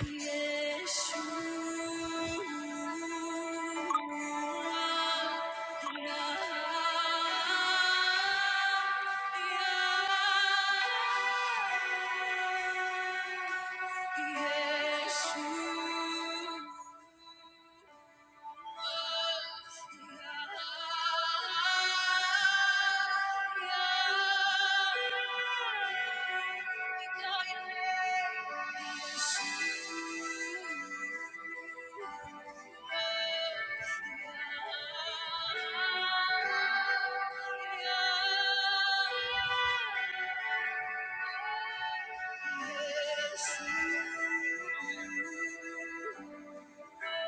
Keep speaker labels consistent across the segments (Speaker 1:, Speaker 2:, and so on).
Speaker 1: Yeshua. Yeshua. Yes. you. Thank you.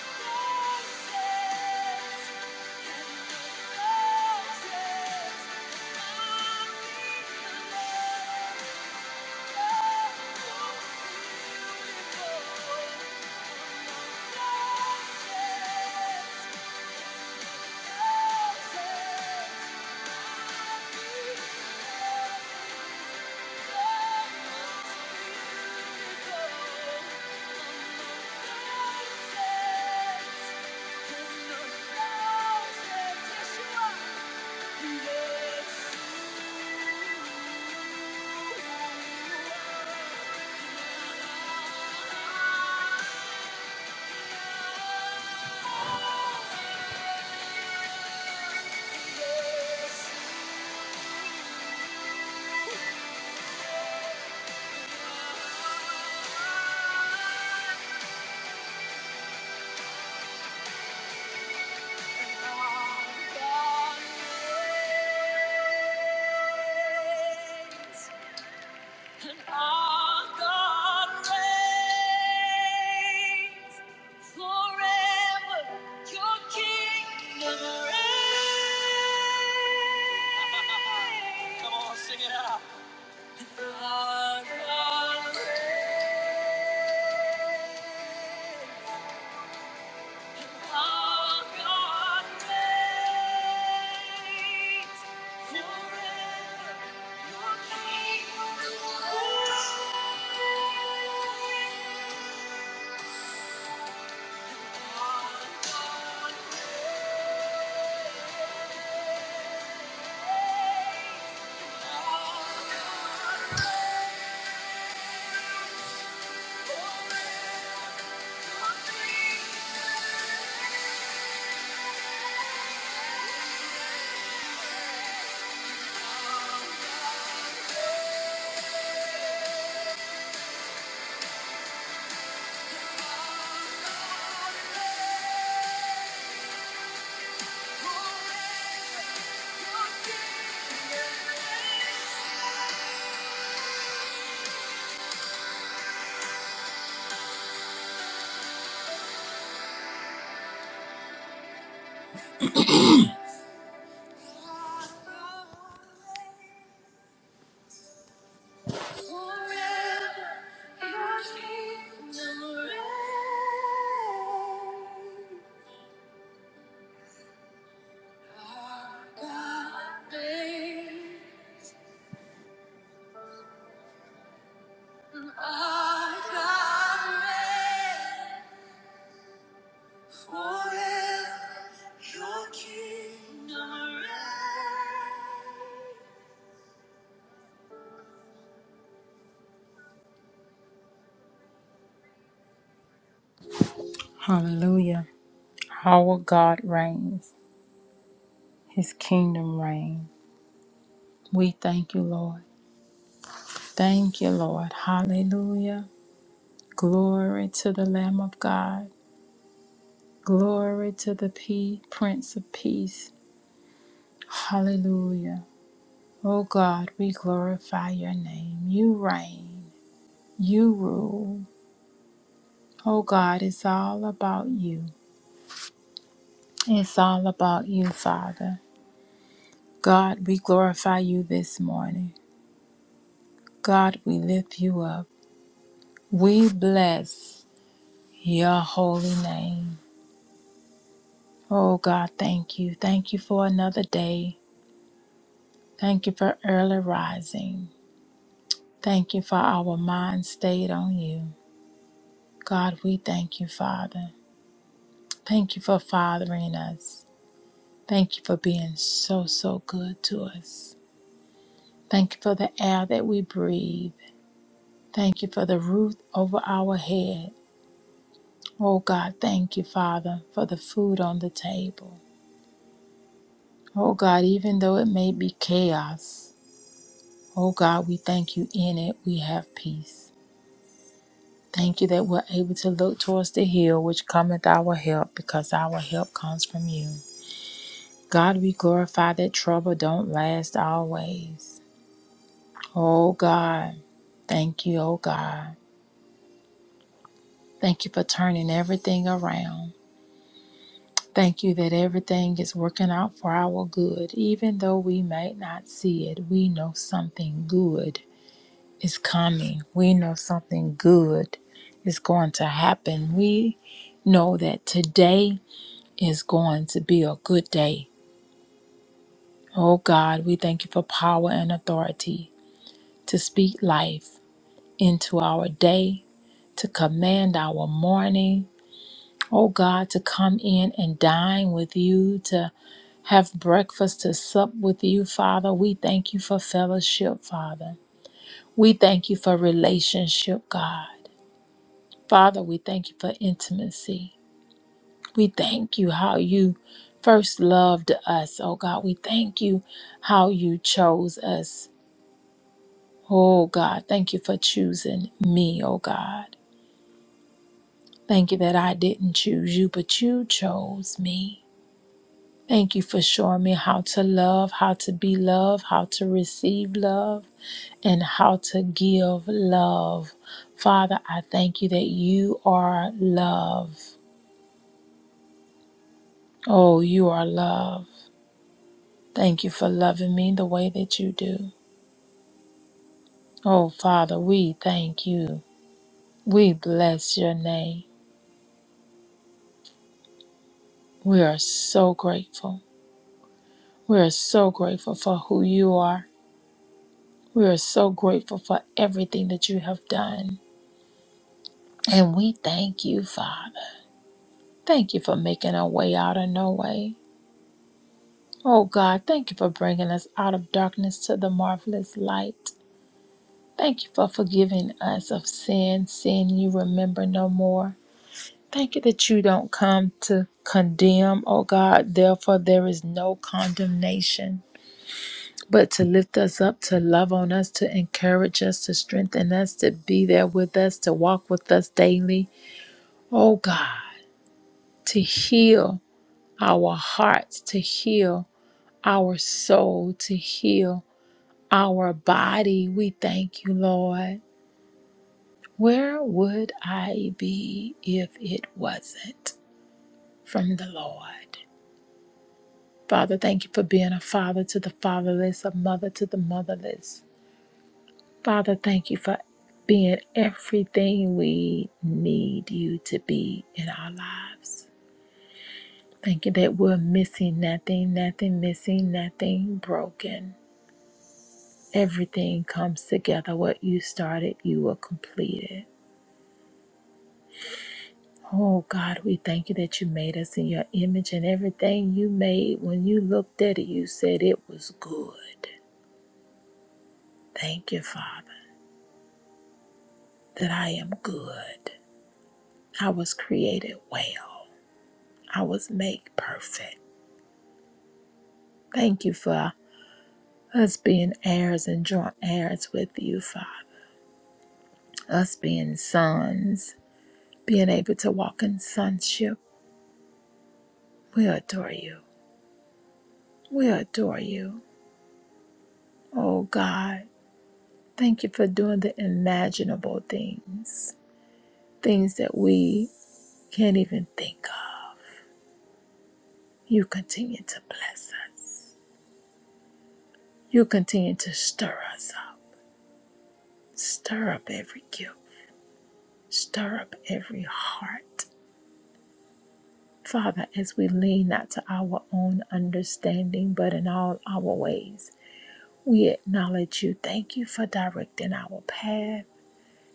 Speaker 1: Thank you. And our God reigns forever. Your kingdom reigns. Come on, sing it out. Thank you. Forever, Hallelujah. Our God reigns, His kingdom reigns. We thank you, Lord. Thank you, Lord. Hallelujah. Glory to the Lamb of God. Glory to the P- Prince of Peace. Hallelujah. Oh God, we glorify your name. You reign. You rule. Oh God, it's all about you. It's all about you, Father. God, we glorify you this morning. God, we lift you up. We bless your holy name. Oh God, thank you. Thank you for another day. Thank you for early rising. Thank you for our mind stayed on you. God, we thank you, Father. Thank you for fathering us. Thank you for being so, so good to us. Thank you for the air that we breathe. Thank you for the roof over our head. Oh God, thank you, Father, for the food on the table. Oh God, even though it may be chaos, oh God, we thank you in it. We have peace. Thank you that we're able to look towards the hill which cometh our help because our help comes from you. God, we glorify that trouble don't last always. Oh God, thank you, oh God. Thank you for turning everything around. Thank you that everything is working out for our good. Even though we might not see it, we know something good is coming. We know something good is going to happen. We know that today is going to be a good day. Oh God, we thank you for power and authority to speak life into our day, to command our morning. Oh God, to come in and dine with you, To have breakfast to sup with you, Father. We thank you for fellowship, Father. We thank you for relationship, God. Father, we thank you for intimacy. We thank you how you first loved us, oh God. We thank you how you chose us. Oh God, thank you for choosing me, oh God. Thank you that I didn't choose you, but you chose me. Thank you for showing me how to love, how to be loved, how to receive love, and how to give love. Father, I thank you that you are love. Oh, you are love. Thank you for loving me the way that you do. Oh, Father, we thank you. We bless your name. We are so grateful. We are so grateful for who you are. We are so grateful for everything that you have done. And we thank you, Father. Thank you for making our way out of no way. Oh God, thank you for bringing us out of darkness to the marvelous light. Thank you for forgiving us of sin, sin you remember no more. Thank you that you don't come to condemn, oh God. Therefore, there is no condemnation, but to lift us up, to love on us, to encourage us, to strengthen us, to be there with us, to walk with us daily, oh God, to heal our hearts, to heal our soul, to heal our body. We thank you, Lord. Where would I be if it wasn't from the Lord? Father, thank you for being a father to the fatherless, a mother to the motherless. Father, thank you for being everything we need you to be in our lives. Thank you that we're missing nothing, nothing missing, nothing broken. Everything comes together. What you started, you will complete it. Oh God, we thank you that you made us in your image and everything you made, when you looked at it, you said it was good. Thank you, Father, that I am good. I was created well, I was made perfect. Thank you for us being heirs and joint heirs with you, Father, us being sons, being able to walk in sonship. We adore you. We adore you. Oh God, thank you for doing the imaginable things, things that we can't even think of. You continue to bless us. You continue to stir us up. Stir up every gift, stir up every heart. Father, as we lean not to our own understanding, but in all our ways, we acknowledge you. Thank you for directing our path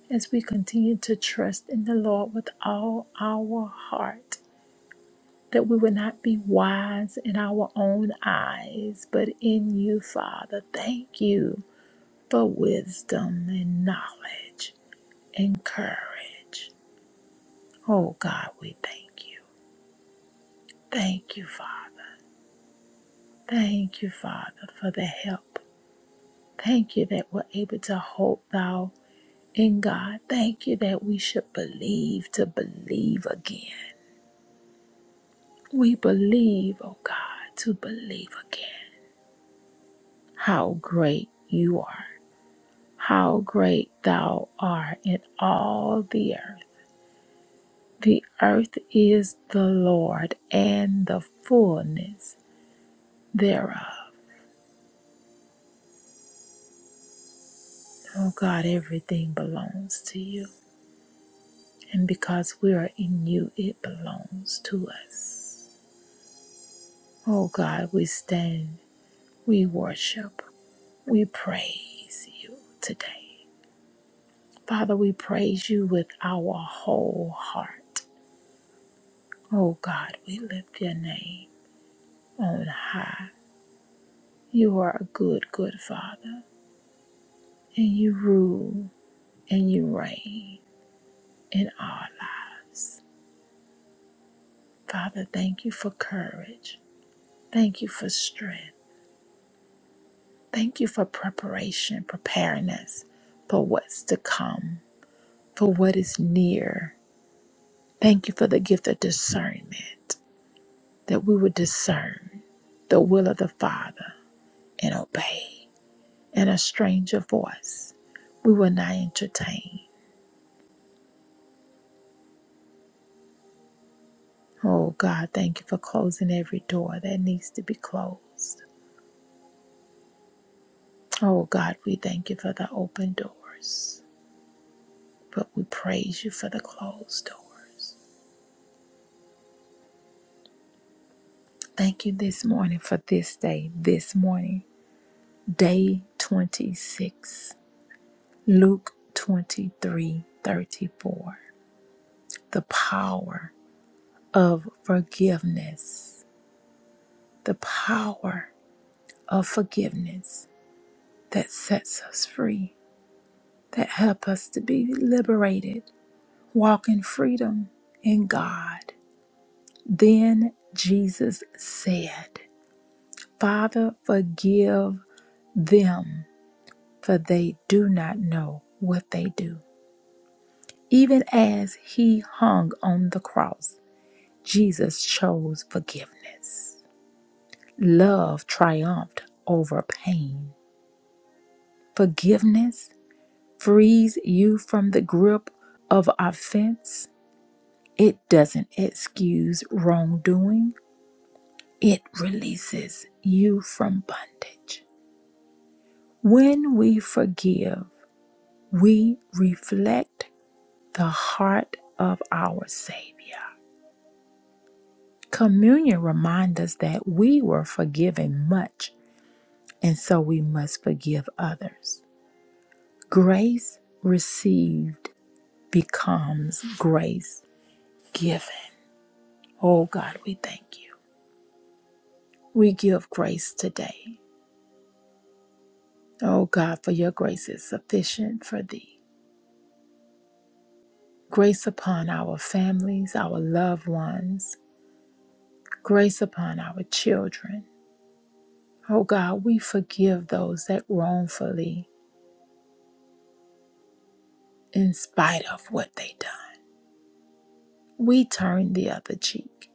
Speaker 1: as we continue to trust in the Lord with all our heart that we would not be wise in our own eyes, but in you, Father. Thank you for wisdom and knowledge and courage. Oh God, we thank you. Thank you, Father. Thank you, Father, for the help. Thank you that we're able to hope thou in God. Thank you that we should believe to believe again. We believe, oh God, to believe again how great you are. how great thou art in all the earth. The earth is the Lord and the fullness thereof. Oh God, everything belongs to you. And because we are in you, it belongs to us. Oh God, we stand, we worship, we praise you today. Father, we praise you with our whole heart. Oh God, we lift your name on high. You are a good, good Father, and you rule and you reign in our lives. Father, thank you for courage. Thank you for strength. Thank you for preparation, preparing us for what's to come, for what is near. Thank you for the gift of discernment, that we would discern the will of the Father and obey. And a stranger voice we will not entertain. Oh God, thank you for closing every door that needs to be closed. Oh God, we thank you for the open doors, but we praise you for the closed doors. Thank you this morning for this day, this morning, day 26, Luke 23 34. The power of forgiveness, the power of forgiveness that sets us free, that help us to be liberated, walk in freedom in God Then Jesus said, Father, forgive them, for they do not know what they do. Even as he hung on the cross, Jesus chose forgiveness. Love triumphed over pain. Forgiveness frees you from the grip of offense. It doesn't excuse wrongdoing, it releases you from bondage. When we forgive, we reflect the heart of our Savior. Communion reminds us that we were forgiven much, and so we must forgive others. Grace received becomes grace given. Oh God, we thank you. We give grace today. Oh God, for your grace is sufficient for thee. Grace upon our families, our loved ones, Grace upon our children. Oh God, we forgive those that wrongfully, in spite of what they done. We turn the other cheek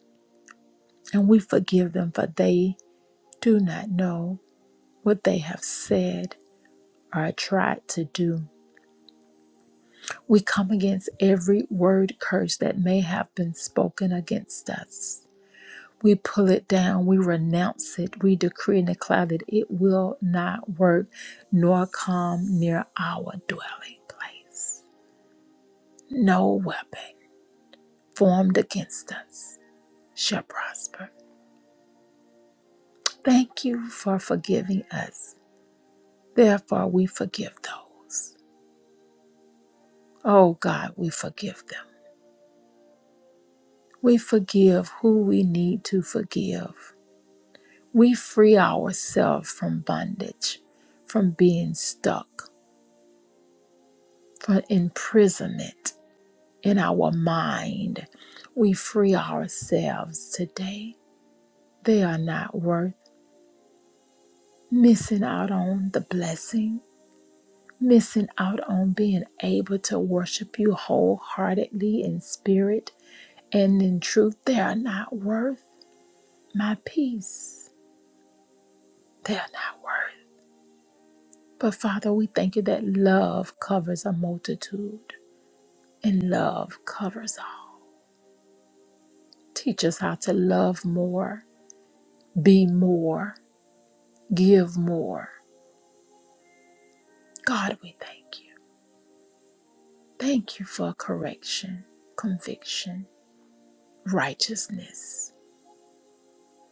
Speaker 1: and we forgive them for they do not know what they have said or tried to do. We come against every word curse that may have been spoken against us. We pull it down, we renounce it, we decree and declare that it will not work nor come near our dwelling place. No weapon formed against us shall prosper. Thank you for forgiving us. Therefore, we forgive those. Oh God, we forgive them. We forgive who we need to forgive. We free ourselves from bondage, from being stuck, from imprisonment in our mind. We free ourselves today. They are not worth missing out on the blessing missing out on being able to worship you wholeheartedly in spirit and in truth. They are not worth my peace. They are not worth. But Father, we thank you that love covers a multitude and love covers all. Teach us how to love more, be more, give more. God, we thank you. Thank you for correction, conviction, righteousness.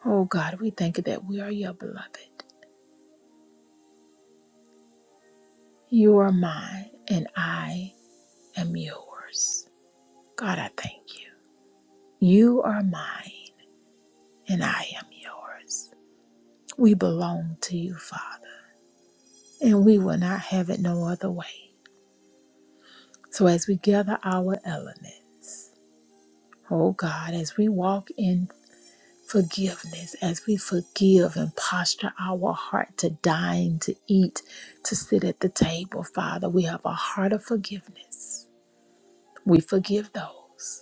Speaker 1: Oh God, we thank you that we are your beloved. You are mine, and I am yours. God, I thank you. You are mine, and I am yours. We belong to you, Father, and we will not have it no other way. So, as we gather our element, oh God, as we walk in forgiveness, as we forgive and posture our heart to dine, to eat, to sit at the table, Father, we have a heart of forgiveness. We forgive those.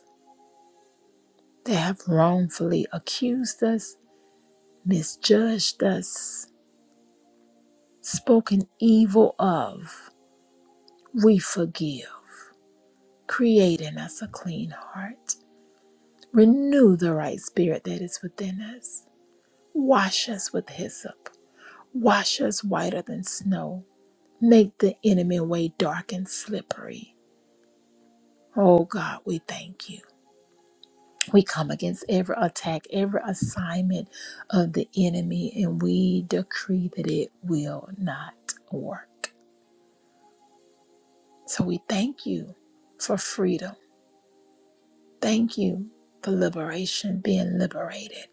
Speaker 1: They have wrongfully accused us, misjudged us, spoken evil of. We forgive, create in us a clean heart. Renew the right spirit that is within us. Wash us with hyssop. Wash us whiter than snow. Make the enemy way dark and slippery. Oh God, we thank you. We come against every attack, every assignment of the enemy, and we decree that it will not work. So we thank you for freedom. Thank you for liberation, being liberated.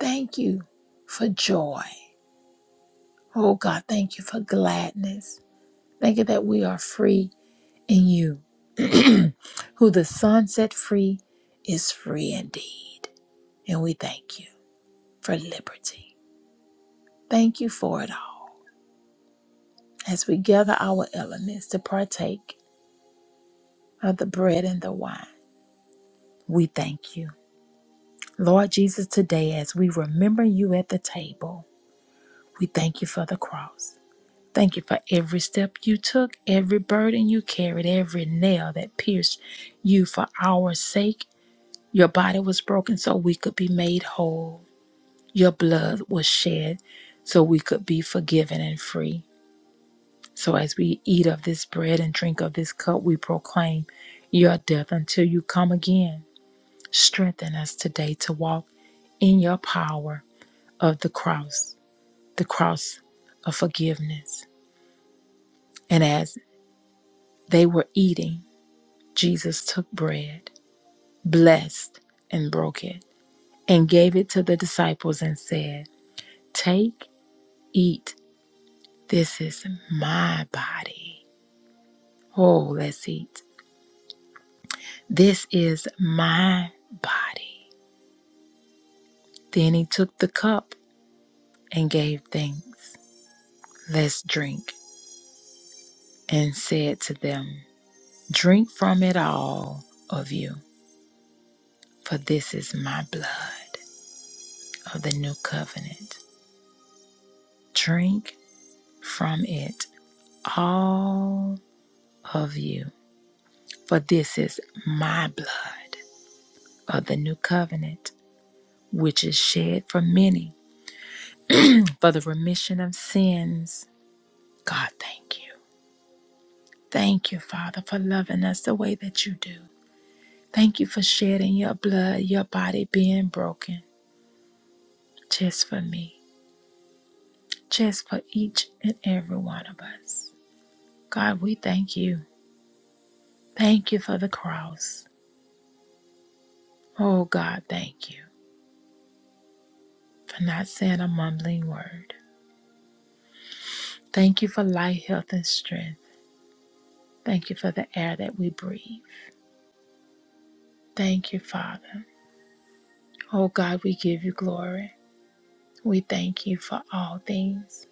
Speaker 1: Thank you for joy. Oh God, thank you for gladness. Thank you that we are free in you. Who the Son set free is free indeed. And we thank you for liberty. Thank you for it all. As we gather our elements to partake of the bread and the wine, we thank you. Lord Jesus, today as we remember you at the table, we thank you for the cross. Thank you for every step you took, every burden you carried, every nail that pierced you for our sake. Your body was broken so we could be made whole. Your blood was shed so we could be forgiven and free. So as we eat of this bread and drink of this cup, we proclaim your death until you come again. Strengthen us today to walk in your power of the cross, the cross of forgiveness. And as they were eating, Jesus took bread, blessed, and broke it, and gave it to the disciples and said, Take, eat, this is my body. Oh, let's eat. This is my body. Then he took the cup and gave thanks. Let's drink, and said to them, Drink from it all of you, for this is my blood of the new covenant. Drink from it all of you, for this is my blood of the new covenant, which is shed for many for the remission of sins. God, thank you. Thank you, Father, for loving us the way that you do. Thank you for shedding your blood, your body being broken just for me, just for each and every one of us. God, we thank you. Thank you for the cross. Oh, God, thank you for not saying a mumbling word. Thank you for life, health, and strength. Thank you for the air that we breathe. Thank you, Father. Oh, God, we give you glory. We thank you for all things.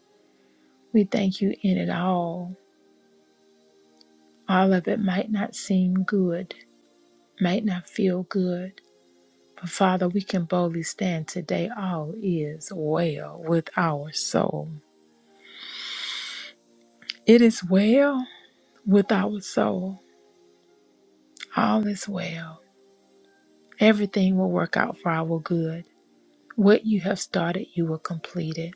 Speaker 1: We thank you in it all. All of it might not seem good, might not feel good But Father, we can boldly stand today. All is well with our soul. It is well with our soul. All is well. Everything will work out for our good. What you have started, you will complete it.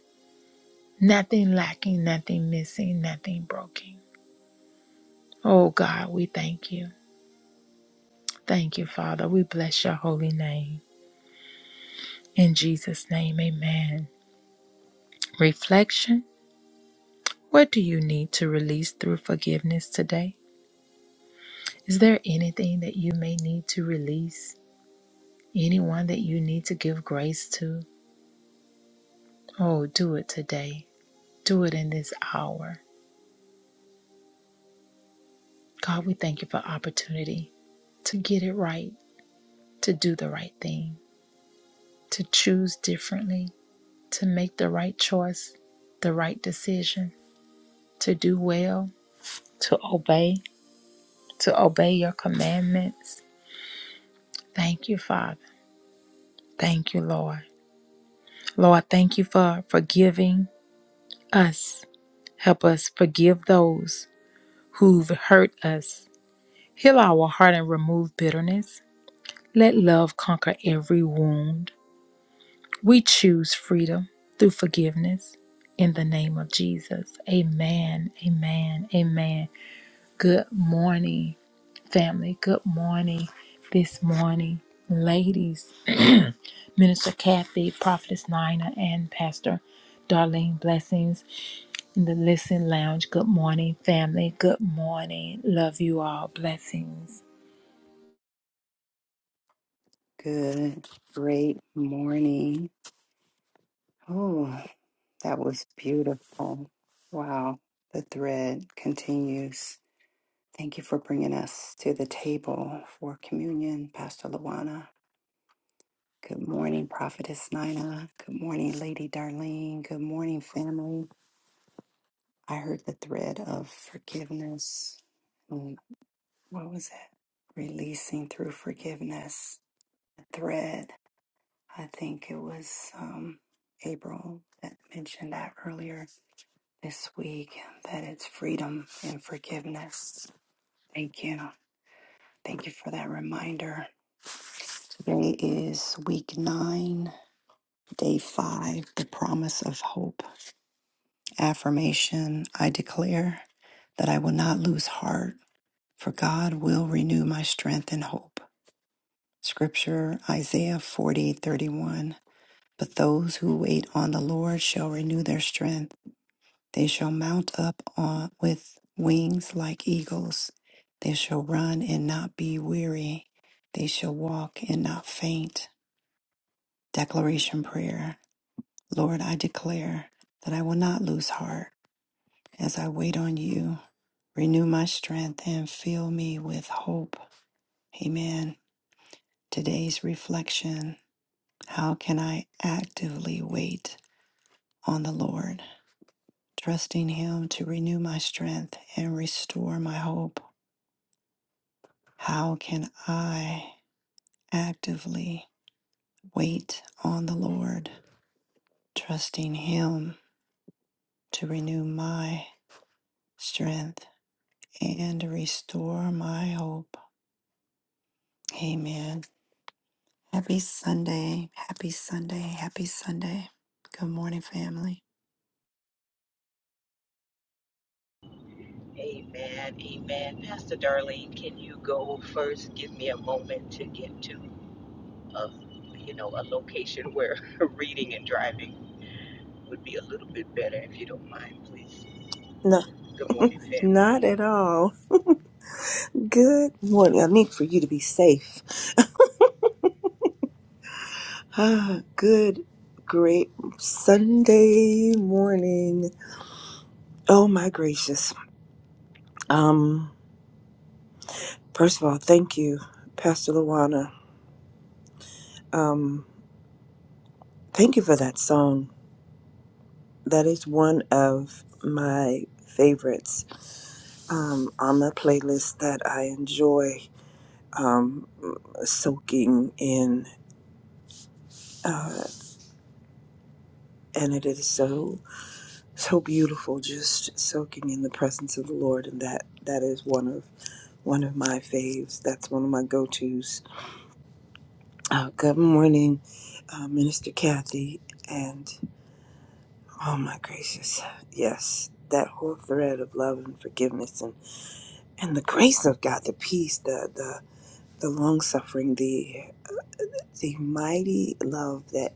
Speaker 1: Nothing lacking, nothing missing, nothing broken. Oh God, we thank you. Thank you, Father. We bless your holy name. In Jesus' name, amen. Reflection What do you need to release through forgiveness today? Is there anything that you may need to release? Anyone that you need to give grace to? Oh, do it today. Do it in this hour. God, we thank you for opportunity to get it right, to do the right thing, to choose differently, to make the right choice, the right decision, to do well, to obey, to obey your commandments. Thank you, Father. Thank you, Lord. Lord, thank you for forgiving us. Help us forgive those. who've hurt us. Heal our heart and remove bitterness. Let love conquer every wound. We choose freedom through forgiveness. In the name of Jesus. Amen. Amen. Amen. Good morning, family. Good morning this morning, ladies. Minister Kathy, Prophetess Nina, and Pastor Darlene Blessings in the Listen Lounge. Good morning, family. Good morning. Love you all. Blessings.
Speaker 2: Good, great morning. Oh, that was beautiful. Wow, the thread continues. Thank you for bringing us to the table for communion, Pastor Luana. Good morning, Prophetess Nina. Good morning, Lady Darlene. Good morning, family. I heard the thread of forgiveness. Mm, What was it? Releasing through forgiveness. Thread. I think it was um, April that mentioned that earlier this week that it's freedom and forgiveness. Thank you. Thank you for that reminder. Today is week nine, day five, the promise of hope. Affirmation I declare that I will not lose heart, for God will renew my strength and hope. Scripture Isaiah forty thirty one. But those who wait on the Lord shall renew their strength. They shall mount up on with wings like eagles. They shall run and not be weary. They shall walk and not faint. Declaration prayer. Lord, I declare that I will not lose heart as I wait on you. Renew my strength and fill me with hope. Amen. Today's reflection. How can I actively wait on the Lord, trusting him to renew my strength and restore my hope? How can I actively wait on the Lord, trusting Him to renew my strength and restore my hope? Amen. Happy Sunday. Happy Sunday. Happy Sunday. Good morning, family.
Speaker 3: Amen. Amen. Pastor Darlene, can you go first? Give me a moment to get to a, you know, a location where reading and driving would be a little bit better if you don't mind, please.
Speaker 4: No,
Speaker 3: Good morning, family.
Speaker 4: not at all. Good morning. I need for you to be safe. Ah, Good, great Sunday morning. Oh my gracious. Um, first of all, thank you, Pastor Luana. Um, thank you for that song. That is one of my favorites um, on the playlist that I enjoy um, soaking in, uh, and it is so. so beautiful just soaking in the presence of the lord and that that is one of one of my faves that's one of my go-to's uh, good morning uh, minister kathy and oh my gracious yes that whole thread of love and forgiveness and and the grace of god the peace the the the long suffering the the mighty love that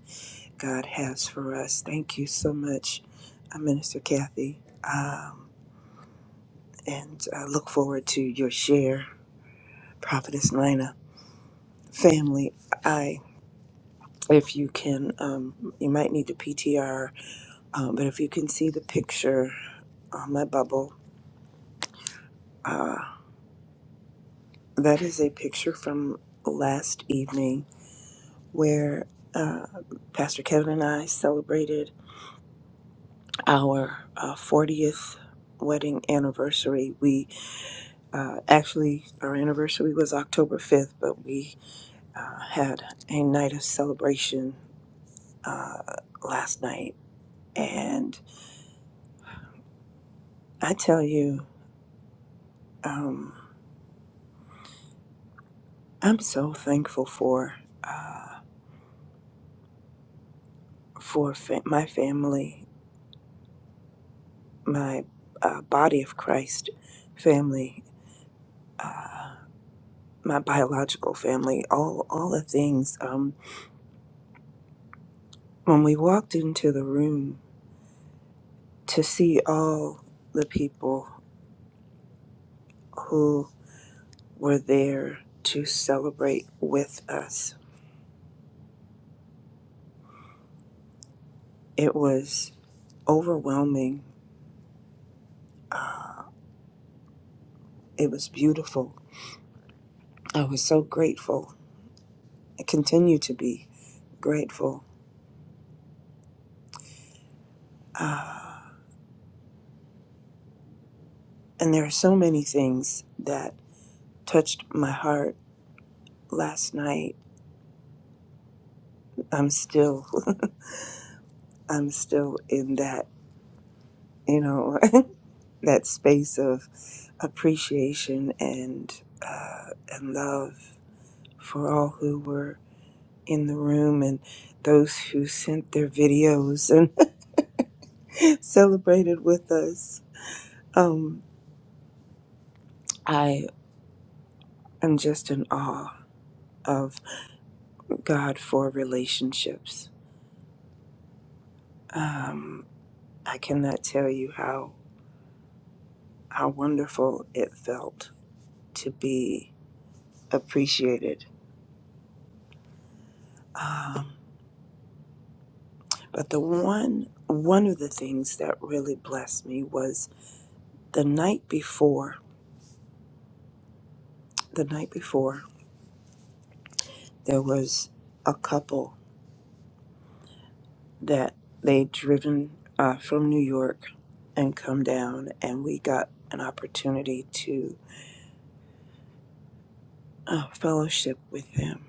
Speaker 4: god has for us thank you so much uh, minister kathy um, and I look forward to your share Prophetess Nina, family, I, if you can, um, you might need to PTR, um, but if you can see the picture on my bubble, uh, that is a picture from last evening where uh, Pastor Kevin and I celebrated our uh, 40th wedding anniversary. We uh, actually, our anniversary was October 5th, but we uh, had a night of celebration uh, last night. and. I tell you, um, I'm so thankful for uh, for fa- my family, my uh, body of Christ family, uh, my biological family, all all the things. Um, when we walked into the room to see all the people who were there to celebrate with us, it was overwhelming. Uh, it was beautiful. I was so grateful. I continue to be. grateful. Uh, and there are so many things that touched my heart last night. I'm still, I'm still in that, you know, that space of appreciation and uh, and love for all who were in the room and those who sent their videos and celebrated with us. Um, I am just in awe of God for relationships. Um, I cannot tell you how how wonderful it felt to be appreciated. Um, but the one one of the things that really blessed me was the night before. The night before, there was a couple that they'd driven uh, from New York and come down, and we got an opportunity to uh, fellowship with them.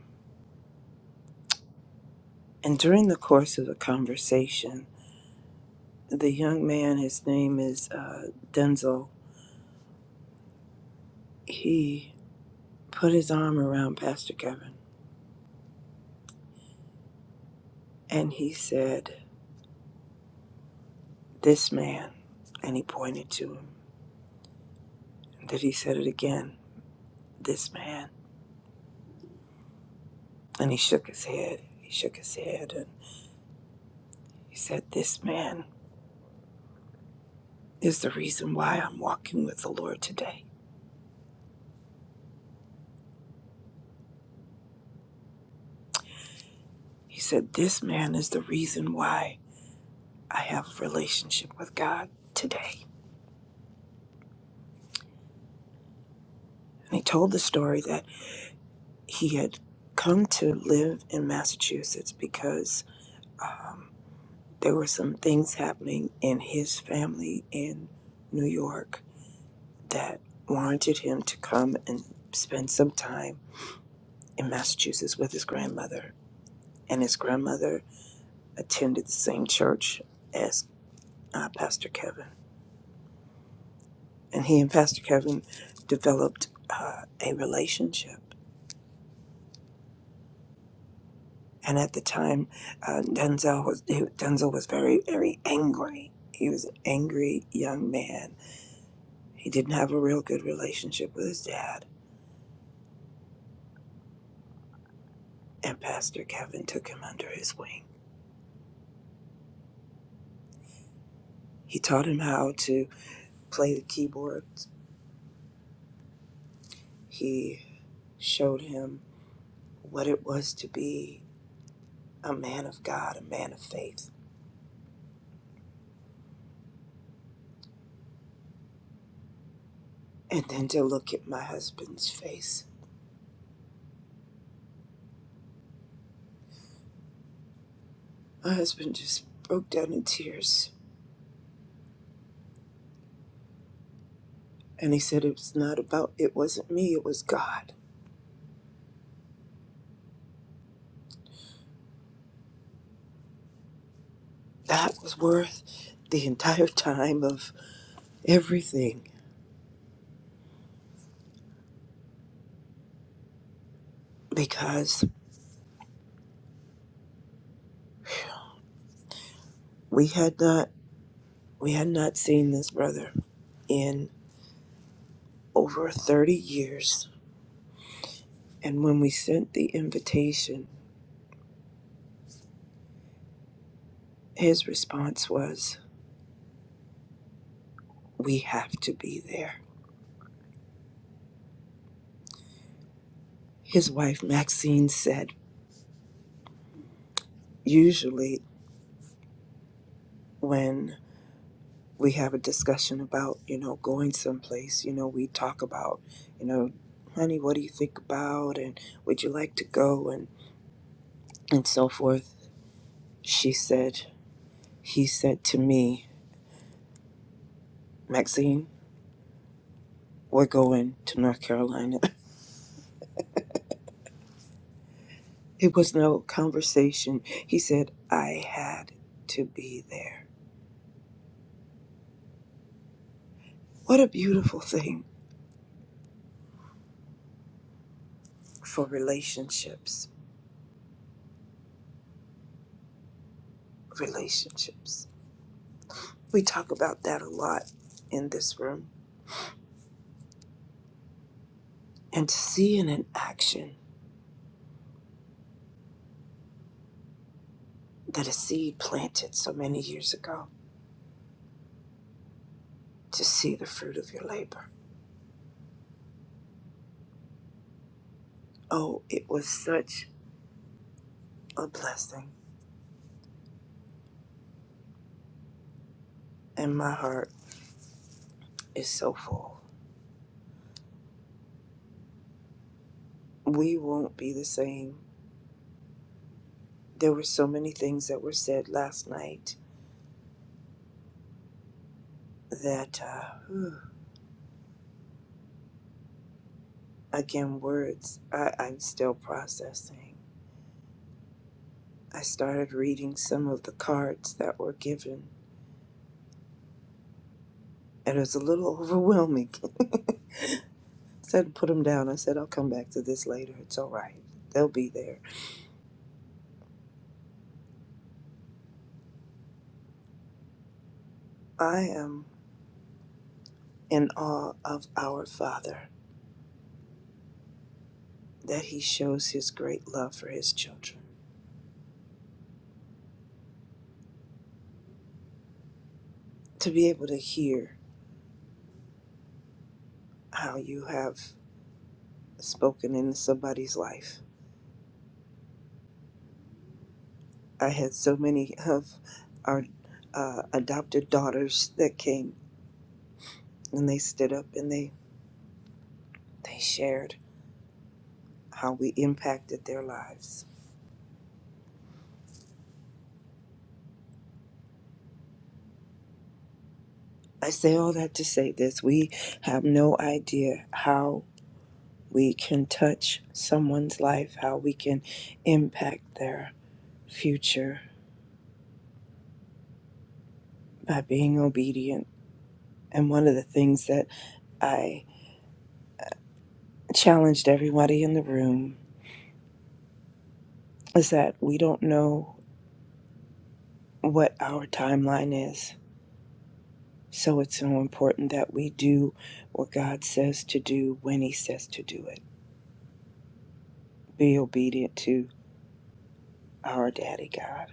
Speaker 4: And during the course of the conversation, the young man, his name is uh, Denzel, he put his arm around Pastor Kevin and he said, This man. And he pointed to him. And then he said it again, This man. And he shook his head. He shook his head and he said, This man is the reason why I'm walking with the Lord today. He said, This man is the reason why I have a relationship with God today. And he told the story that. he had come to live in Massachusetts because um, there were some things happening in his family in New York that warranted him to come and spend some time in Massachusetts with his grandmother. And his grandmother attended the same church as uh, Pastor Kevin. And he and Pastor Kevin developed uh, a relationship. and at the time, uh, Denzel was he, Denzel was very very angry. He was an angry young man. He didn't have a real good relationship with his dad, and Pastor Kevin took him under his wing. He taught him how to play the keyboards. He showed him what it was to be a man of God, a man of faith. And then to look at my husband's face. My husband just broke down in tears. And he said, It was not about, it wasn't me, it was God. That was worth the entire time of everything because we had not we had not seen this brother in over 30 years and when we sent the invitation his response was we have to be there his wife Maxine said usually when we have a discussion about you know going someplace you know we talk about you know honey what do you think about and would you like to go and and so forth She said, He said to me, Maxine, we're going to North Carolina. It was no conversation. He said, I had to be there. What a beautiful thing for relationships. Relationships. We talk about that a lot in this room. And to see in an action that a seed planted so many years ago, to see the fruit of your labor. Oh, it was such a blessing. And my heart is so full. we won't be the same. There were so many things that were said last night that, uh, again, words I, I'm still processing. I started reading some of the cards that were given, and it was a little overwhelming. I said to put them down. I said I'll come back to this later. It's all right. They'll be there. I am in awe of our Father that He shows His great love for His children. To be able to hear how you have spoken into somebody's life. I had so many of our uh, adopted daughters that came and they stood up and they, they shared how we impacted their lives. I say all that to say this we have no idea how we can touch someone's life, how we can impact their future by being obedient. And one of the things that I challenged everybody in the room is that we don't know what our timeline is. So it's so important that we do what God says to do when He says to do it. Be obedient to our Daddy God.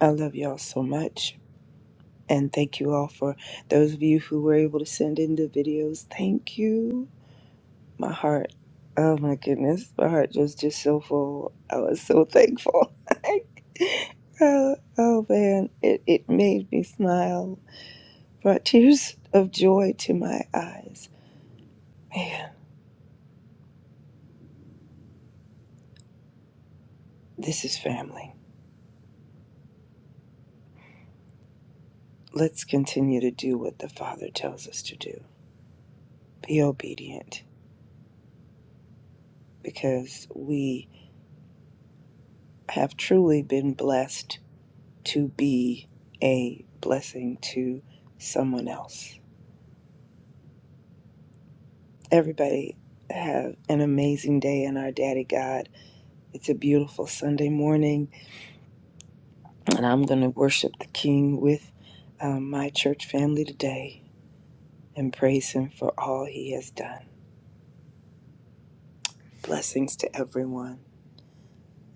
Speaker 4: I love y'all so much. And thank you all for those of you who were able to send in the videos. Thank you. My heart, oh my goodness, my heart was just so full. I was so thankful. oh, oh man, it, it made me smile, brought tears of joy to my eyes. Man. This is family. Let's continue to do what the Father tells us to do be obedient because we have truly been blessed to be a blessing to someone else. Everybody, have an amazing day in our Daddy God. It's a beautiful Sunday morning, and I'm going to worship the King with um, my church family today and praise Him for all He has done. Blessings to everyone.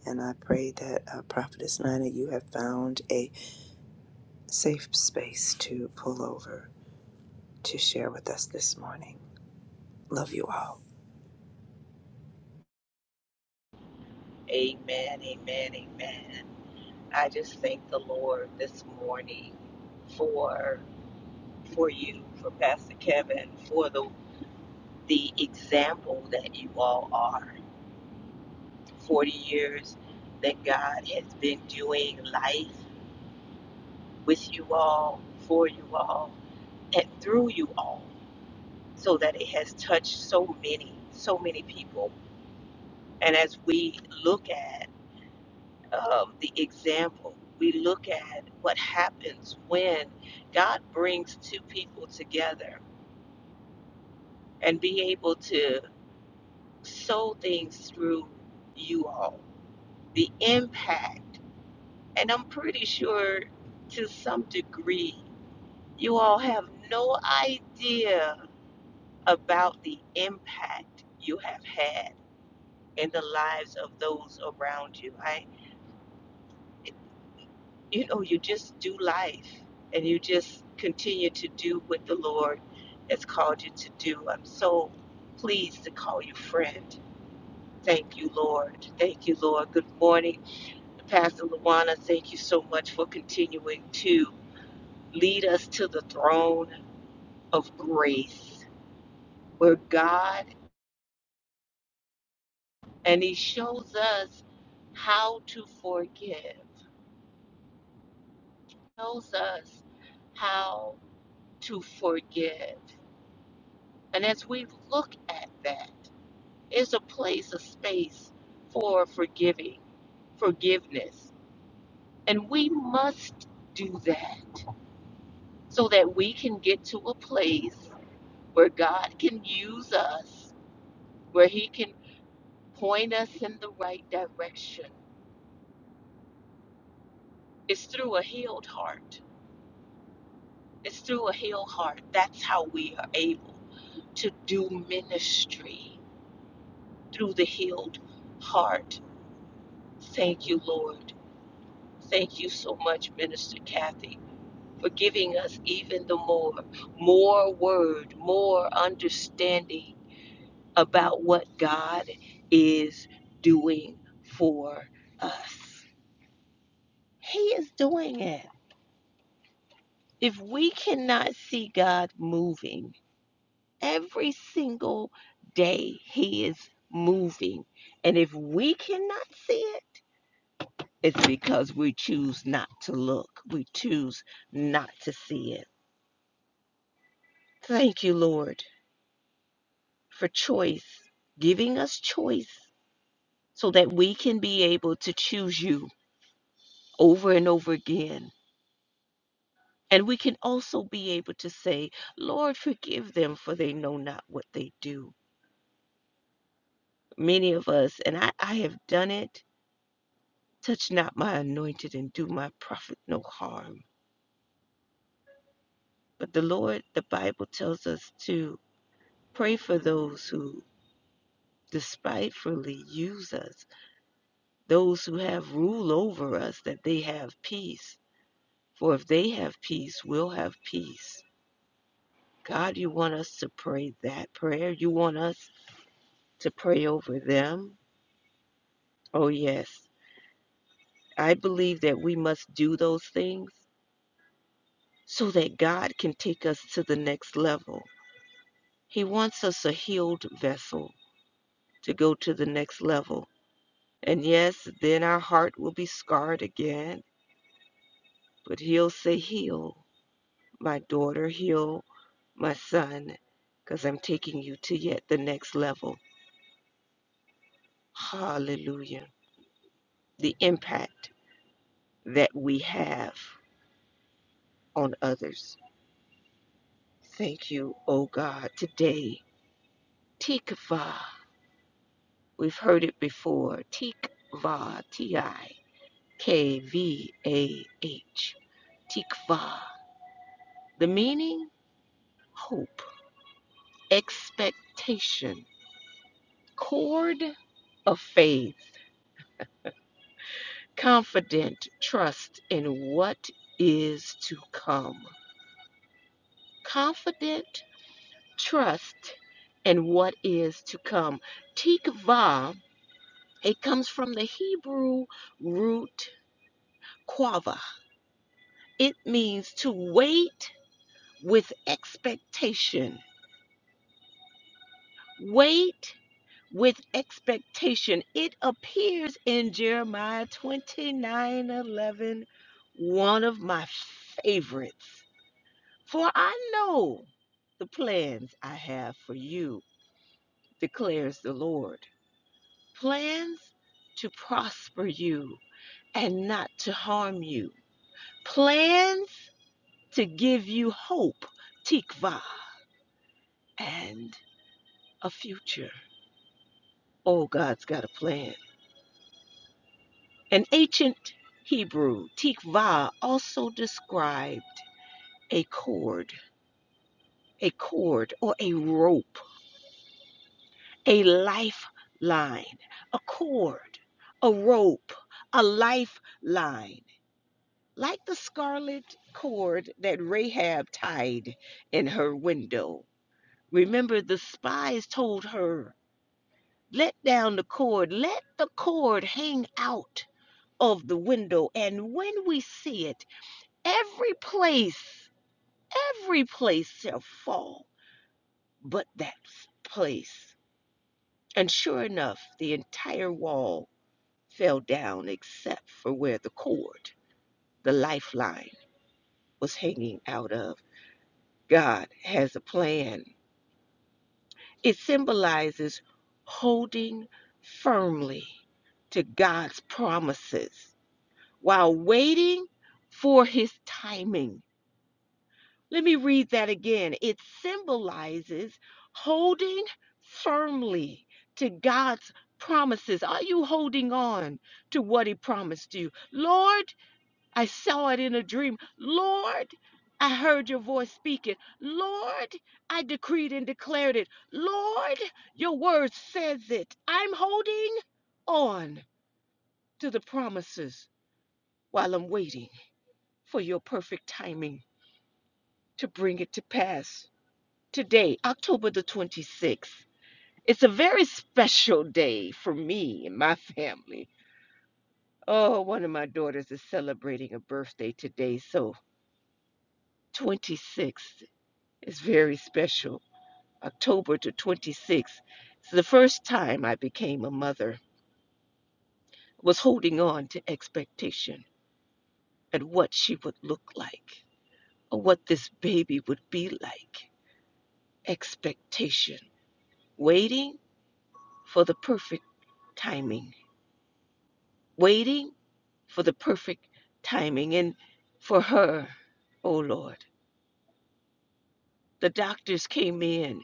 Speaker 4: And I pray that, uh, Prophetess Nina, you have found a safe space to pull over to share with us this morning. Love you all.
Speaker 3: Amen. Amen. Amen. I just thank the Lord this morning for for you, for Pastor Kevin, for the the example that you all are. Forty years that God has been doing life with you all, for you all, and through you all, so that it has touched so many, so many people. And as we look at um, the example, we look at what happens when God brings two people together and be able to sow things through you all. The impact, and I'm pretty sure to some degree, you all have no idea about the impact you have had in the lives of those around you. I, it, you know, you just do life and you just continue to do what the Lord has called you to do. I'm so pleased to call you friend. Thank you, Lord. Thank you, Lord. Good morning, Pastor Luana. Thank you so much for continuing to lead us to the throne of grace where God and he shows us how to forgive shows us how to forgive and as we look at that, it's a place a space for forgiving forgiveness and we must do that so that we can get to a place where god can use us where he can point us in the right direction it's through a healed heart It's through a healed heart. That's how we are able to do ministry through the healed heart. Thank you, Lord. Thank you so much, Minister Kathy, for giving us even the more, more word, more understanding about what God is doing for us. He is doing it. If we cannot see God moving, every single day he is moving and if we cannot see it it's because we choose not to look we choose not to see it thank you lord for choice giving us choice so that we can be able to choose you over and over again and we can also be able to say lord forgive them for they know not what they do many of us and i, I have done it Touch not my anointed and do my prophet no harm. But the Lord, the Bible tells us to pray for those who despitefully use us, those who have rule over us, that they have peace. For if they have peace, we'll have peace. God, you want us to pray that prayer? You want us to pray over them? Oh, yes. I believe that we must do those things so that God can take us to the next level He wants us a healed vessel to go to the next level. And yes, then our heart will be scarred again, but He'll say, Heal, my daughter, heal, my son, because I'm taking you to yet the next level. Hallelujah. The impact that we have on others. Thank you, oh God, today. Tikva. We've heard it before. Tikva, T I K V A H. Tikva. The meaning hope, expectation, cord of faith, confident trust in what is to come. Confident trust in what is to come. Tikva, it comes from the Hebrew root quava. It means to wait with expectation. Wait with expectation. It appears in Jeremiah 29 eleven, one of my favorites. For I know the plans I have for you, declares the Lord. Plans to prosper you and not to harm you. Plans to give you hope, tikva, and a future. Oh, God's got a plan. An ancient Hebrew, tikvah, also described a cord, a cord or a rope, a lifeline, a cord, a rope, a lifeline, like the scarlet cord that Rahab tied in her window. Remember, the spies told her, Let down the cord, let the cord hang out of the window, and when we see it, every place Every place shall fall but that place. And sure enough, the entire wall fell down except for where the cord, the lifeline, was hanging out of. God has a plan. It symbolizes holding firmly to God's promises while waiting for his timing. Let me read that again. It symbolizes holding firmly to God's promises. Are you holding on to what He promised you? Lord, I saw it in a dream. Lord, I heard your voice speaking. Lord, I decreed and declared it. Lord, your word says it. I'm holding on to the promises while I'm waiting for your perfect timing to bring it to pass. Today, October the 26th, it's a very special day for me and my family. Oh, one of my daughters is celebrating a birthday today, so 26th is very special. October the 26th is the first time I became a mother, I was holding on to expectation and what she would look like or what this baby would be like. Expectation, waiting for the perfect timing, waiting for the perfect timing and for her, oh Lord. The doctors came in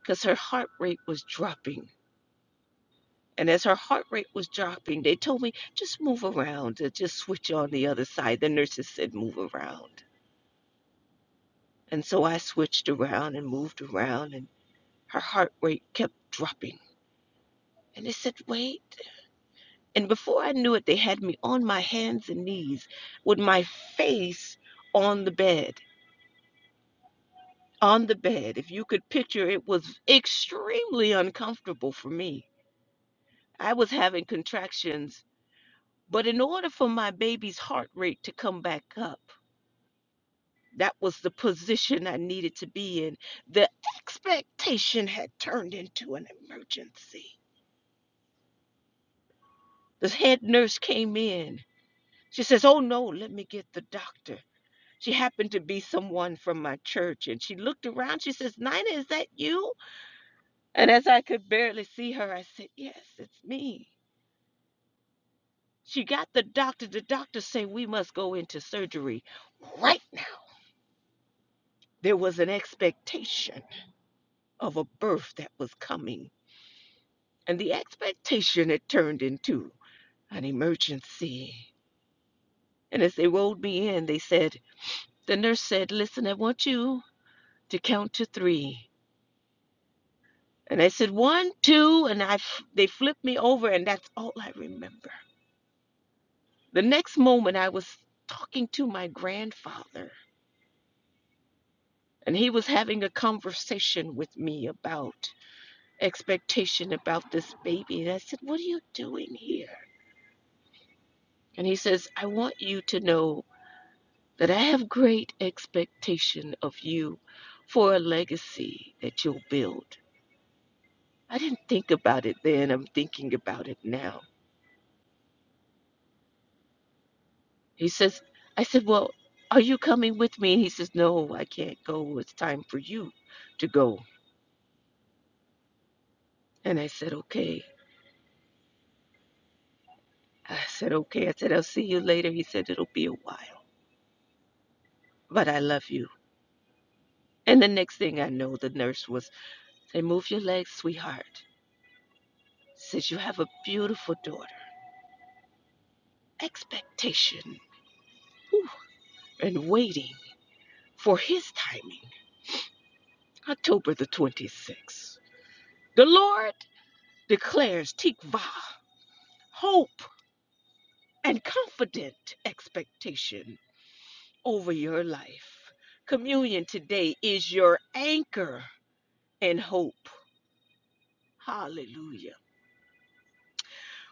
Speaker 3: because her heart rate was dropping. And as her heart rate was dropping, they told me, just move around, uh, just switch on the other side. The nurses said, move around. And so I switched around and moved around, and her heart rate kept dropping. And they said, wait. And before I knew it, they had me on my hands and knees with my face on the bed on the bed. If you could picture, it was extremely uncomfortable for me. I was having contractions, but in order for my baby's heart rate to come back up, that was the position I needed to be in. The expectation had turned into an emergency. The head nurse came in. She says, Oh no, let me get the doctor. She happened to be someone from my church and she looked around. She says, Nina, is that you? And as I could barely see her, I said, Yes, it's me. She got the doctor. The doctor say we must go into surgery right now. There was an expectation of a birth that was coming, and the expectation had turned into an emergency. And as they rolled me in, they said, the nurse said, "Listen, I want you to count to three. And I said one, two, and I f- they flipped me over, and that's all I remember. The next moment, I was talking to my grandfather, and he was having a conversation with me about expectation about this baby. And I said, What are you doing here? And he says, I want you to know that I have great expectation of you for a legacy that you'll build. I didn't think about it then. I'm thinking about it now. He says, I said, Well, are you coming with me? And he says, No, I can't go. It's time for you to go. And I said, Okay. I said, Okay. I said, I'll see you later. He said, It'll be a while, but I love you. And the next thing I know, the nurse was Say, move your legs, sweetheart. Since you have a beautiful daughter. Expectation whew, and waiting for his timing. October the 26th. The Lord declares tikvah, hope, and confident expectation over your life. Communion today is your anchor and hope. Hallelujah.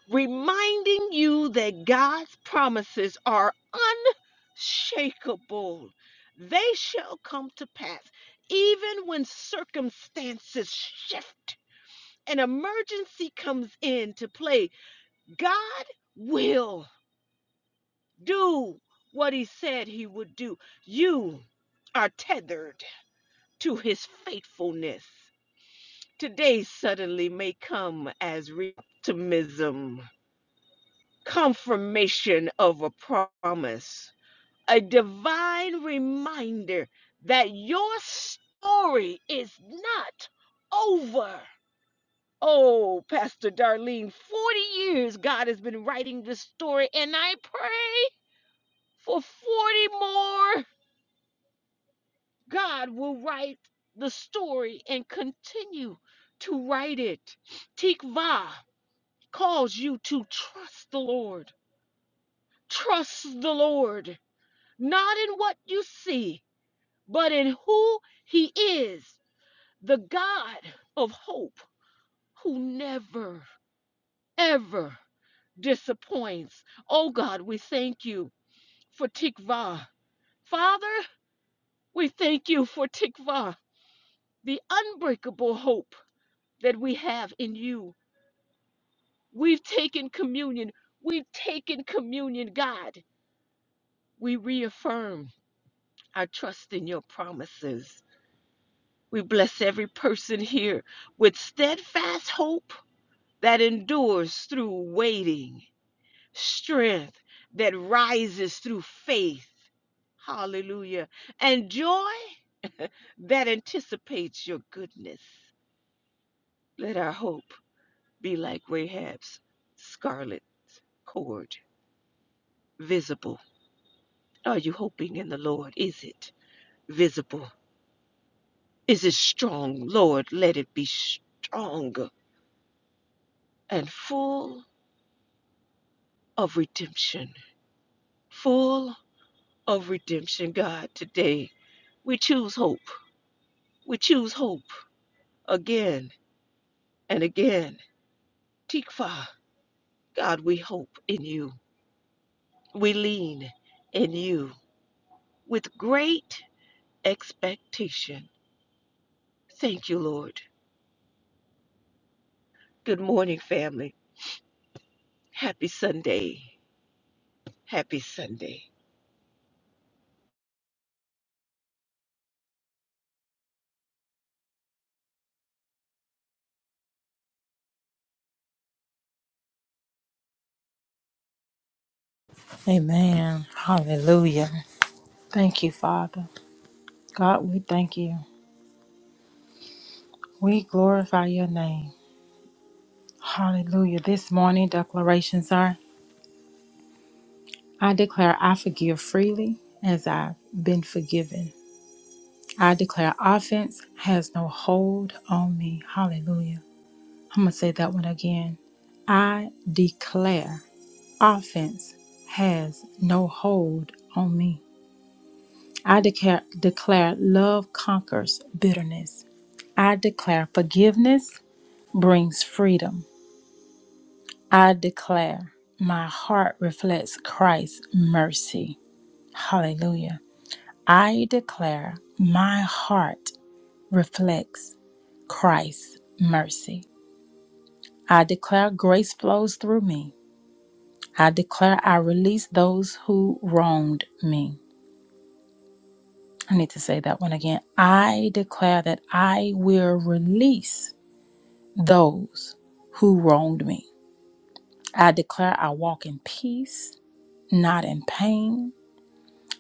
Speaker 3: reminding you that God's promises are unshakable. They shall come to pass, even when circumstances shift and emergency comes into play. God will do what He said He would do. You are tethered to His faithfulness. Today suddenly may come as re- optimism confirmation of a promise, a divine reminder that your story is not over. Oh, Pastor Darlene, 40 years God has been writing this story, and I pray for 40 more. God will write the story and continue to write it. Tikva calls you to trust the Lord. Trust the Lord not in what you see, but in who He is, the God of hope who never, ever disappoints. Oh God, we thank you for Tikva. Father, we thank you for Tikva, the unbreakable hope that we have in you. We've taken communion. We've taken communion, God. We reaffirm our trust in your promises. We bless every person here with steadfast hope that endures through waiting, strength that rises through faith. Hallelujah. And joy that anticipates your goodness. Let our hope be like Rahab's scarlet cord, visible. Are you hoping in the Lord? Is it visible? Is it strong? Lord, let it be strong and full of redemption. full of redemption, God, today. We choose hope. We choose hope again and again. Tikva, God, we hope in you. We lean in you with great expectation. Thank you, Lord. Good morning, family. Happy Sunday. Happy Sunday.
Speaker 1: Amen. Hallelujah. Thank you, Father. God, we thank you. We glorify your name. Hallelujah. This morning, declarations are I declare I forgive freely as I've been forgiven. I declare offense has no hold on me. Hallelujah. I'm going to say that one again. I declare offense has no hold on me. I declare, declare love conquers bitterness. I declare forgiveness brings freedom. I declare my heart reflects Christ's mercy. Hallelujah. I declare my heart reflects Christ's mercy. I declare grace flows through me. I declare I release those who wronged me. I need to say that one again. I declare that I will release those who wronged me. I declare I walk in peace. not in pain.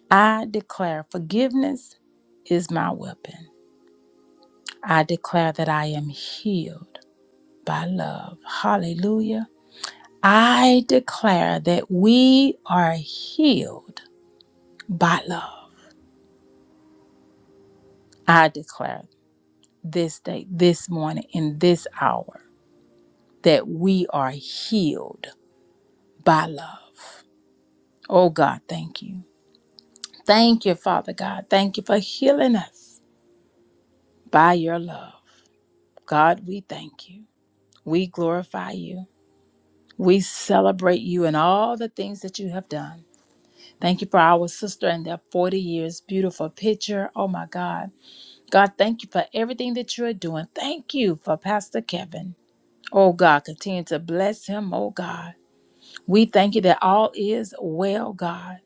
Speaker 1: I declare forgiveness is my weapon. I declare that I am healed by love. Hallelujah. I declare that we are healed by love. I declare this day, this morning, in this hour, that we are healed by love. Oh God, thank you. Thank you, Father God. Thank you for healing us by your love. God, we thank you. We glorify you. We celebrate you and all the things that you have done. Thank you for our sister and their 40 years. Beautiful picture. Oh my God. God, thank you for everything that you are doing. Thank you for Pastor Kevin. Oh God, continue to bless him. Oh God. We thank you that all is well, God.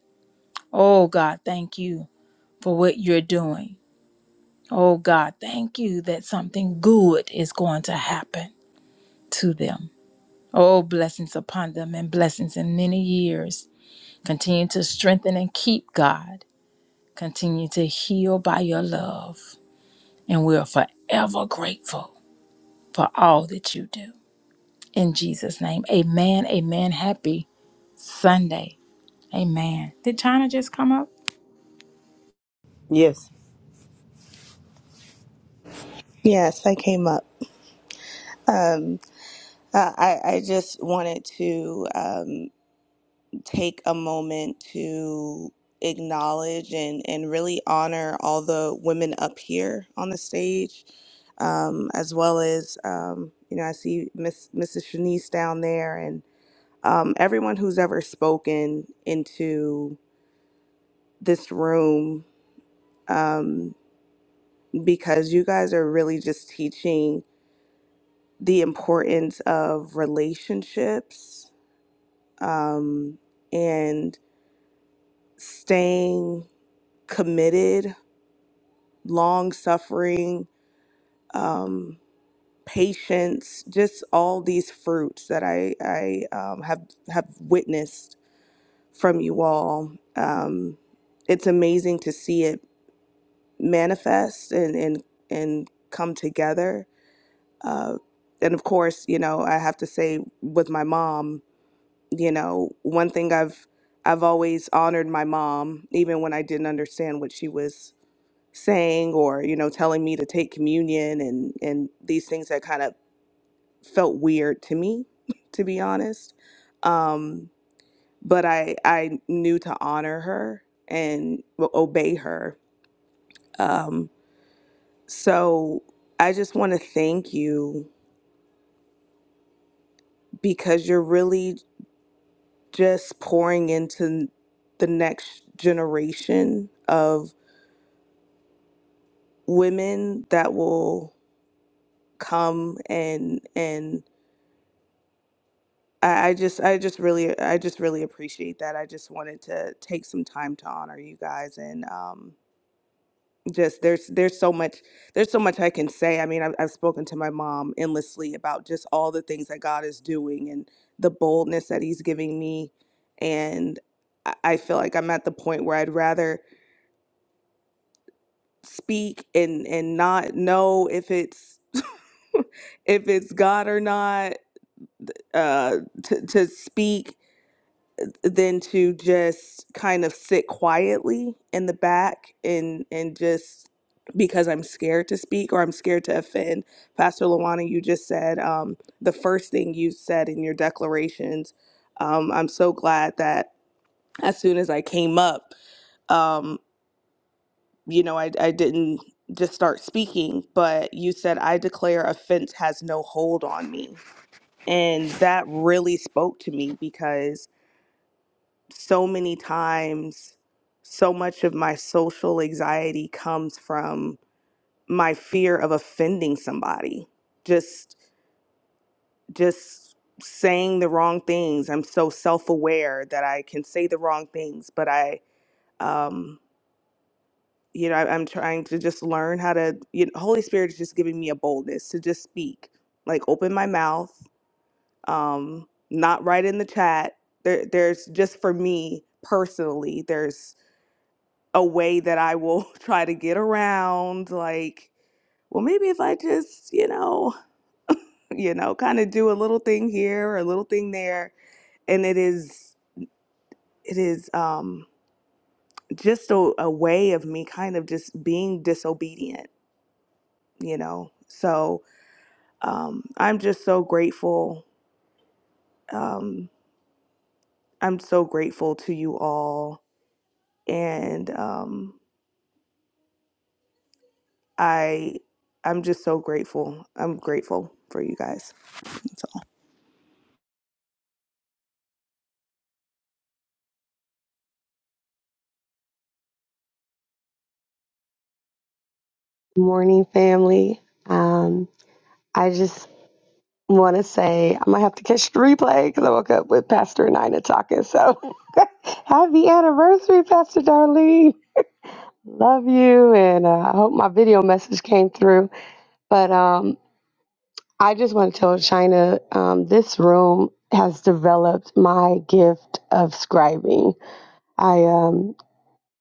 Speaker 1: Oh God, thank you for what you're doing. Oh God, thank you that something good is going to happen to them. Oh, blessings upon them and blessings in many years. Continue to strengthen and keep God. Continue to heal by your love. And we are forever grateful for all that you do. In Jesus' name, amen. Amen. Happy Sunday. Amen. Did China just come up?
Speaker 4: Yes.
Speaker 5: Yes, I came up. Um, uh, I, I just wanted to um, take a moment to acknowledge and, and really honor all the women up here on the stage, um, as well as, um, you know, I see Miss, Mrs. Shanice down there and um, everyone who's ever spoken into this room, um, because you guys are really just teaching the importance of relationships um, and staying committed, long suffering, um, patience, just all these fruits that I, I um, have, have witnessed from you all. Um, it's amazing to see it manifest and, and, and come together. Uh, and of course, you know, I have to say with my mom, you know one thing i've i've always honored my mom even when i didn't understand what she was saying or you know telling me to take communion and and these things that kind of felt weird to me to be honest um but i i knew to honor her and o- obey her um so i just want to thank you because you're really just pouring into the next generation of. women that will come and and I, I just I just really I just really appreciate that. I just wanted to take some time to honor you guys and um just there's there's so much there's so much I can say. I mean, I've, I've spoken to my mom endlessly about just all the things that God is doing and the boldness that He's giving me, and I I feel like I'm at the point where I'd rather speak and and not know if it's if it's God or not uh, to, to speak than to just kind of sit quietly in the back and and just because I'm scared to speak or I'm scared to offend. Pastor Lawana, you just said um, the first thing you said in your declarations. Um, I'm so glad that as soon as I came up, um, you know, I, I didn't just start speaking, but you said, I declare offense has no hold on me. And that really spoke to me because so many times so much of my social anxiety comes from my fear of offending somebody just just saying the wrong things i'm so self-aware that i can say the wrong things but i um you know I, i'm trying to just learn how to you know holy spirit is just giving me a boldness to just speak like open my mouth um not right in the chat there there's just for me personally there's a way that I will try to get around like well maybe if I just you know you know kind of do a little thing here or a little thing there and it is it is um just a, a way of me kind of just being disobedient you know so um I'm just so grateful I'm so grateful to you all and um I I'm just so grateful I'm grateful for you guys That's all.
Speaker 6: Morning, family. Um, I just want to say I'm gonna have to catch the replay because I woke up with Pastor Nina talking. So happy anniversary, Pastor Darlene. Love you, and uh, I hope my video message came through. But um, I just want to tell China um, this room has developed my gift of scribing. I um,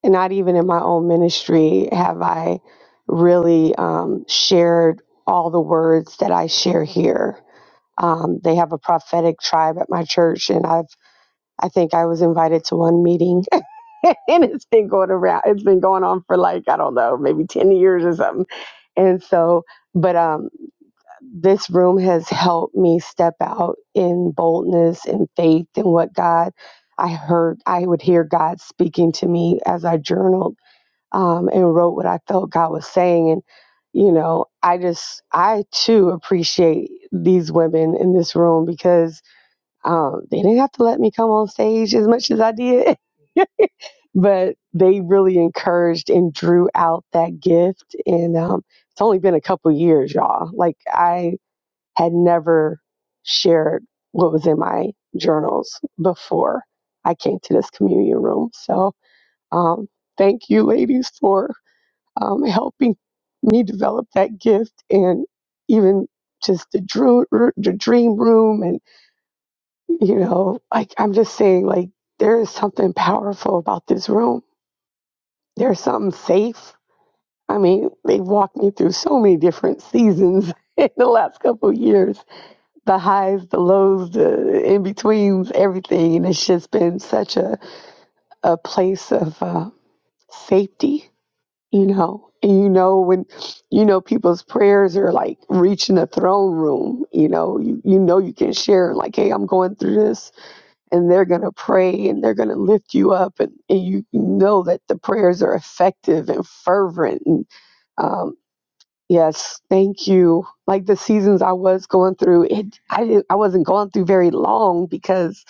Speaker 6: not even in my own ministry have I really um, shared all the words that I share here Um, they have a prophetic tribe at my church, and I've I think I was invited to one meeting, and it's been going around. It's been going on for like I don't know, maybe ten years or something. And so, but um, this room has helped me step out in boldness and faith in what God. I heard I would hear God speaking to me as I journaled um, and wrote what I felt God was saying, and you know, I just I too appreciate these women in this room because um, they didn't have to let me come on stage as much as I did, but they really encouraged and drew out that gift. And um, it's only been a couple years, y'all. Like I had never shared what was in my journals before I came to this communion room. So um, thank you, ladies, for um, helping me develop that gift and even just the, drew, the dream room and you know, like I'm just saying, like, there is something powerful about this room. There's something safe. I mean, they walked me through so many different seasons in the last couple of years the highs, the lows, the in betweens, everything. And it's just been such a, a place of uh, safety, you know. And you know, when you know people's prayers are like reaching a throne room, you know, you, you know, you can share, like, hey, I'm going through this and they're going to pray and they're going to lift you up and, and you know that the prayers are effective and fervent and um, yes thank you like the seasons i was going through it I, didn't, I wasn't going through very long because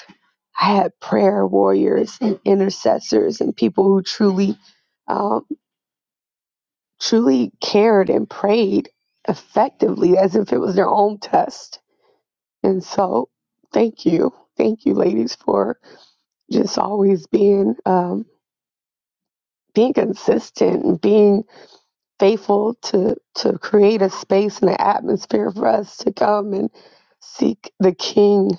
Speaker 6: i had prayer warriors and intercessors and people who truly um, truly cared and prayed effectively as if it was their own test and so thank you thank you ladies for just always being um, being consistent and being faithful to to create a space and an atmosphere for us to come and seek the king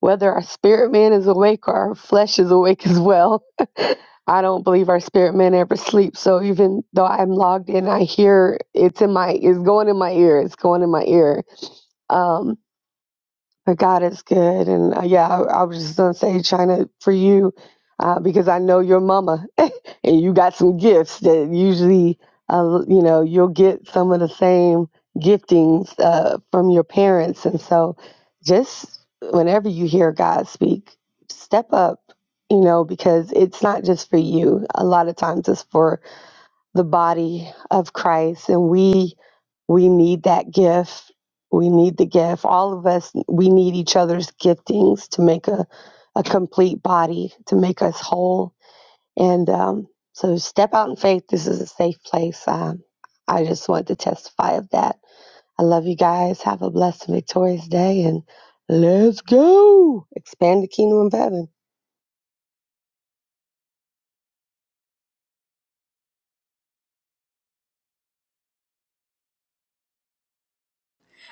Speaker 6: whether our spirit man is awake or our flesh is awake as well i don't believe our spirit man ever sleeps so even though i'm logged in i hear it's in my it's going in my ear it's going in my ear um but god is good and uh, yeah I, I was just gonna say china for you uh, because i know your mama and you got some gifts that usually uh, you know you'll get some of the same giftings uh, from your parents and so just whenever you hear god speak step up you know because it's not just for you a lot of times it's for the body of christ and we we need that gift we need the gift all of us we need each other's giftings to make a, a complete body to make us whole and um, so step out in faith. This is a safe place. Um, I just want to testify of that. I love you guys. Have a blessed and victorious day. And let's go expand the kingdom of heaven.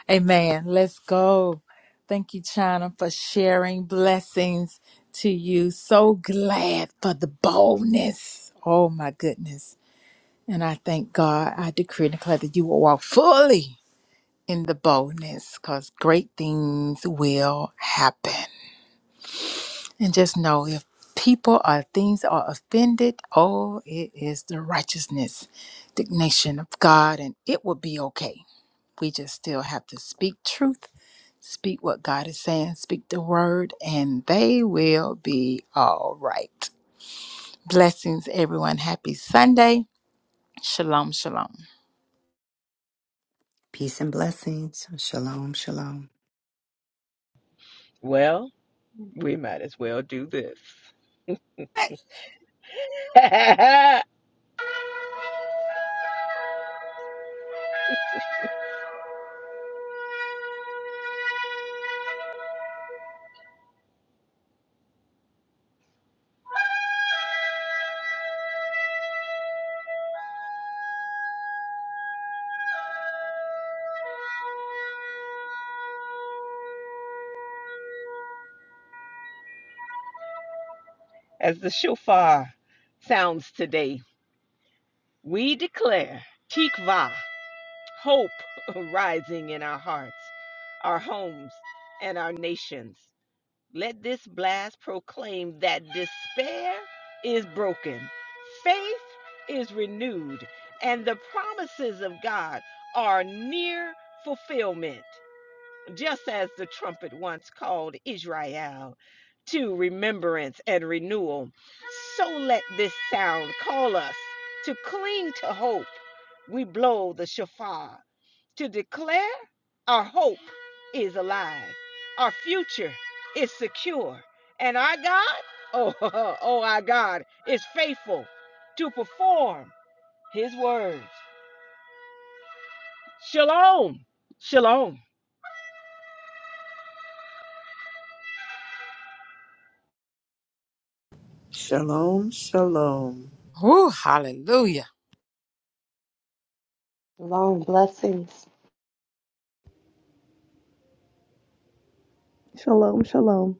Speaker 1: Amen. Let's go. Thank you, China, for sharing blessings to you. So glad for the boldness. Oh, my goodness. And I thank God. I decree and declare that you will walk fully in the boldness because great things will happen. And just know if people or things are offended, oh, it is the righteousness, indignation of God, and it will be okay. We just still have to speak truth, speak what God is saying, speak the word, and they will be all right. Blessings, everyone. Happy Sunday. Shalom, shalom.
Speaker 2: Peace and blessings. Shalom. Shalom.
Speaker 3: Well, we might as well do this. As the shofar sounds today, we declare tikva, hope rising in our hearts, our homes, and our nations. Let this blast proclaim that despair is broken, faith is renewed, and the promises of God are near fulfillment. just as the trumpet once called Israel to remembrance and renewal, so let this sound call us to cling to hope. We blow the shofar to declare our hope is alive, our future is secure, and our God, oh, oh, our God is faithful to perform his words. Shalom, shalom.
Speaker 4: Shalom, shalom.
Speaker 1: Woo, hallelujah.
Speaker 6: Long blessings.
Speaker 5: Shalom, shalom.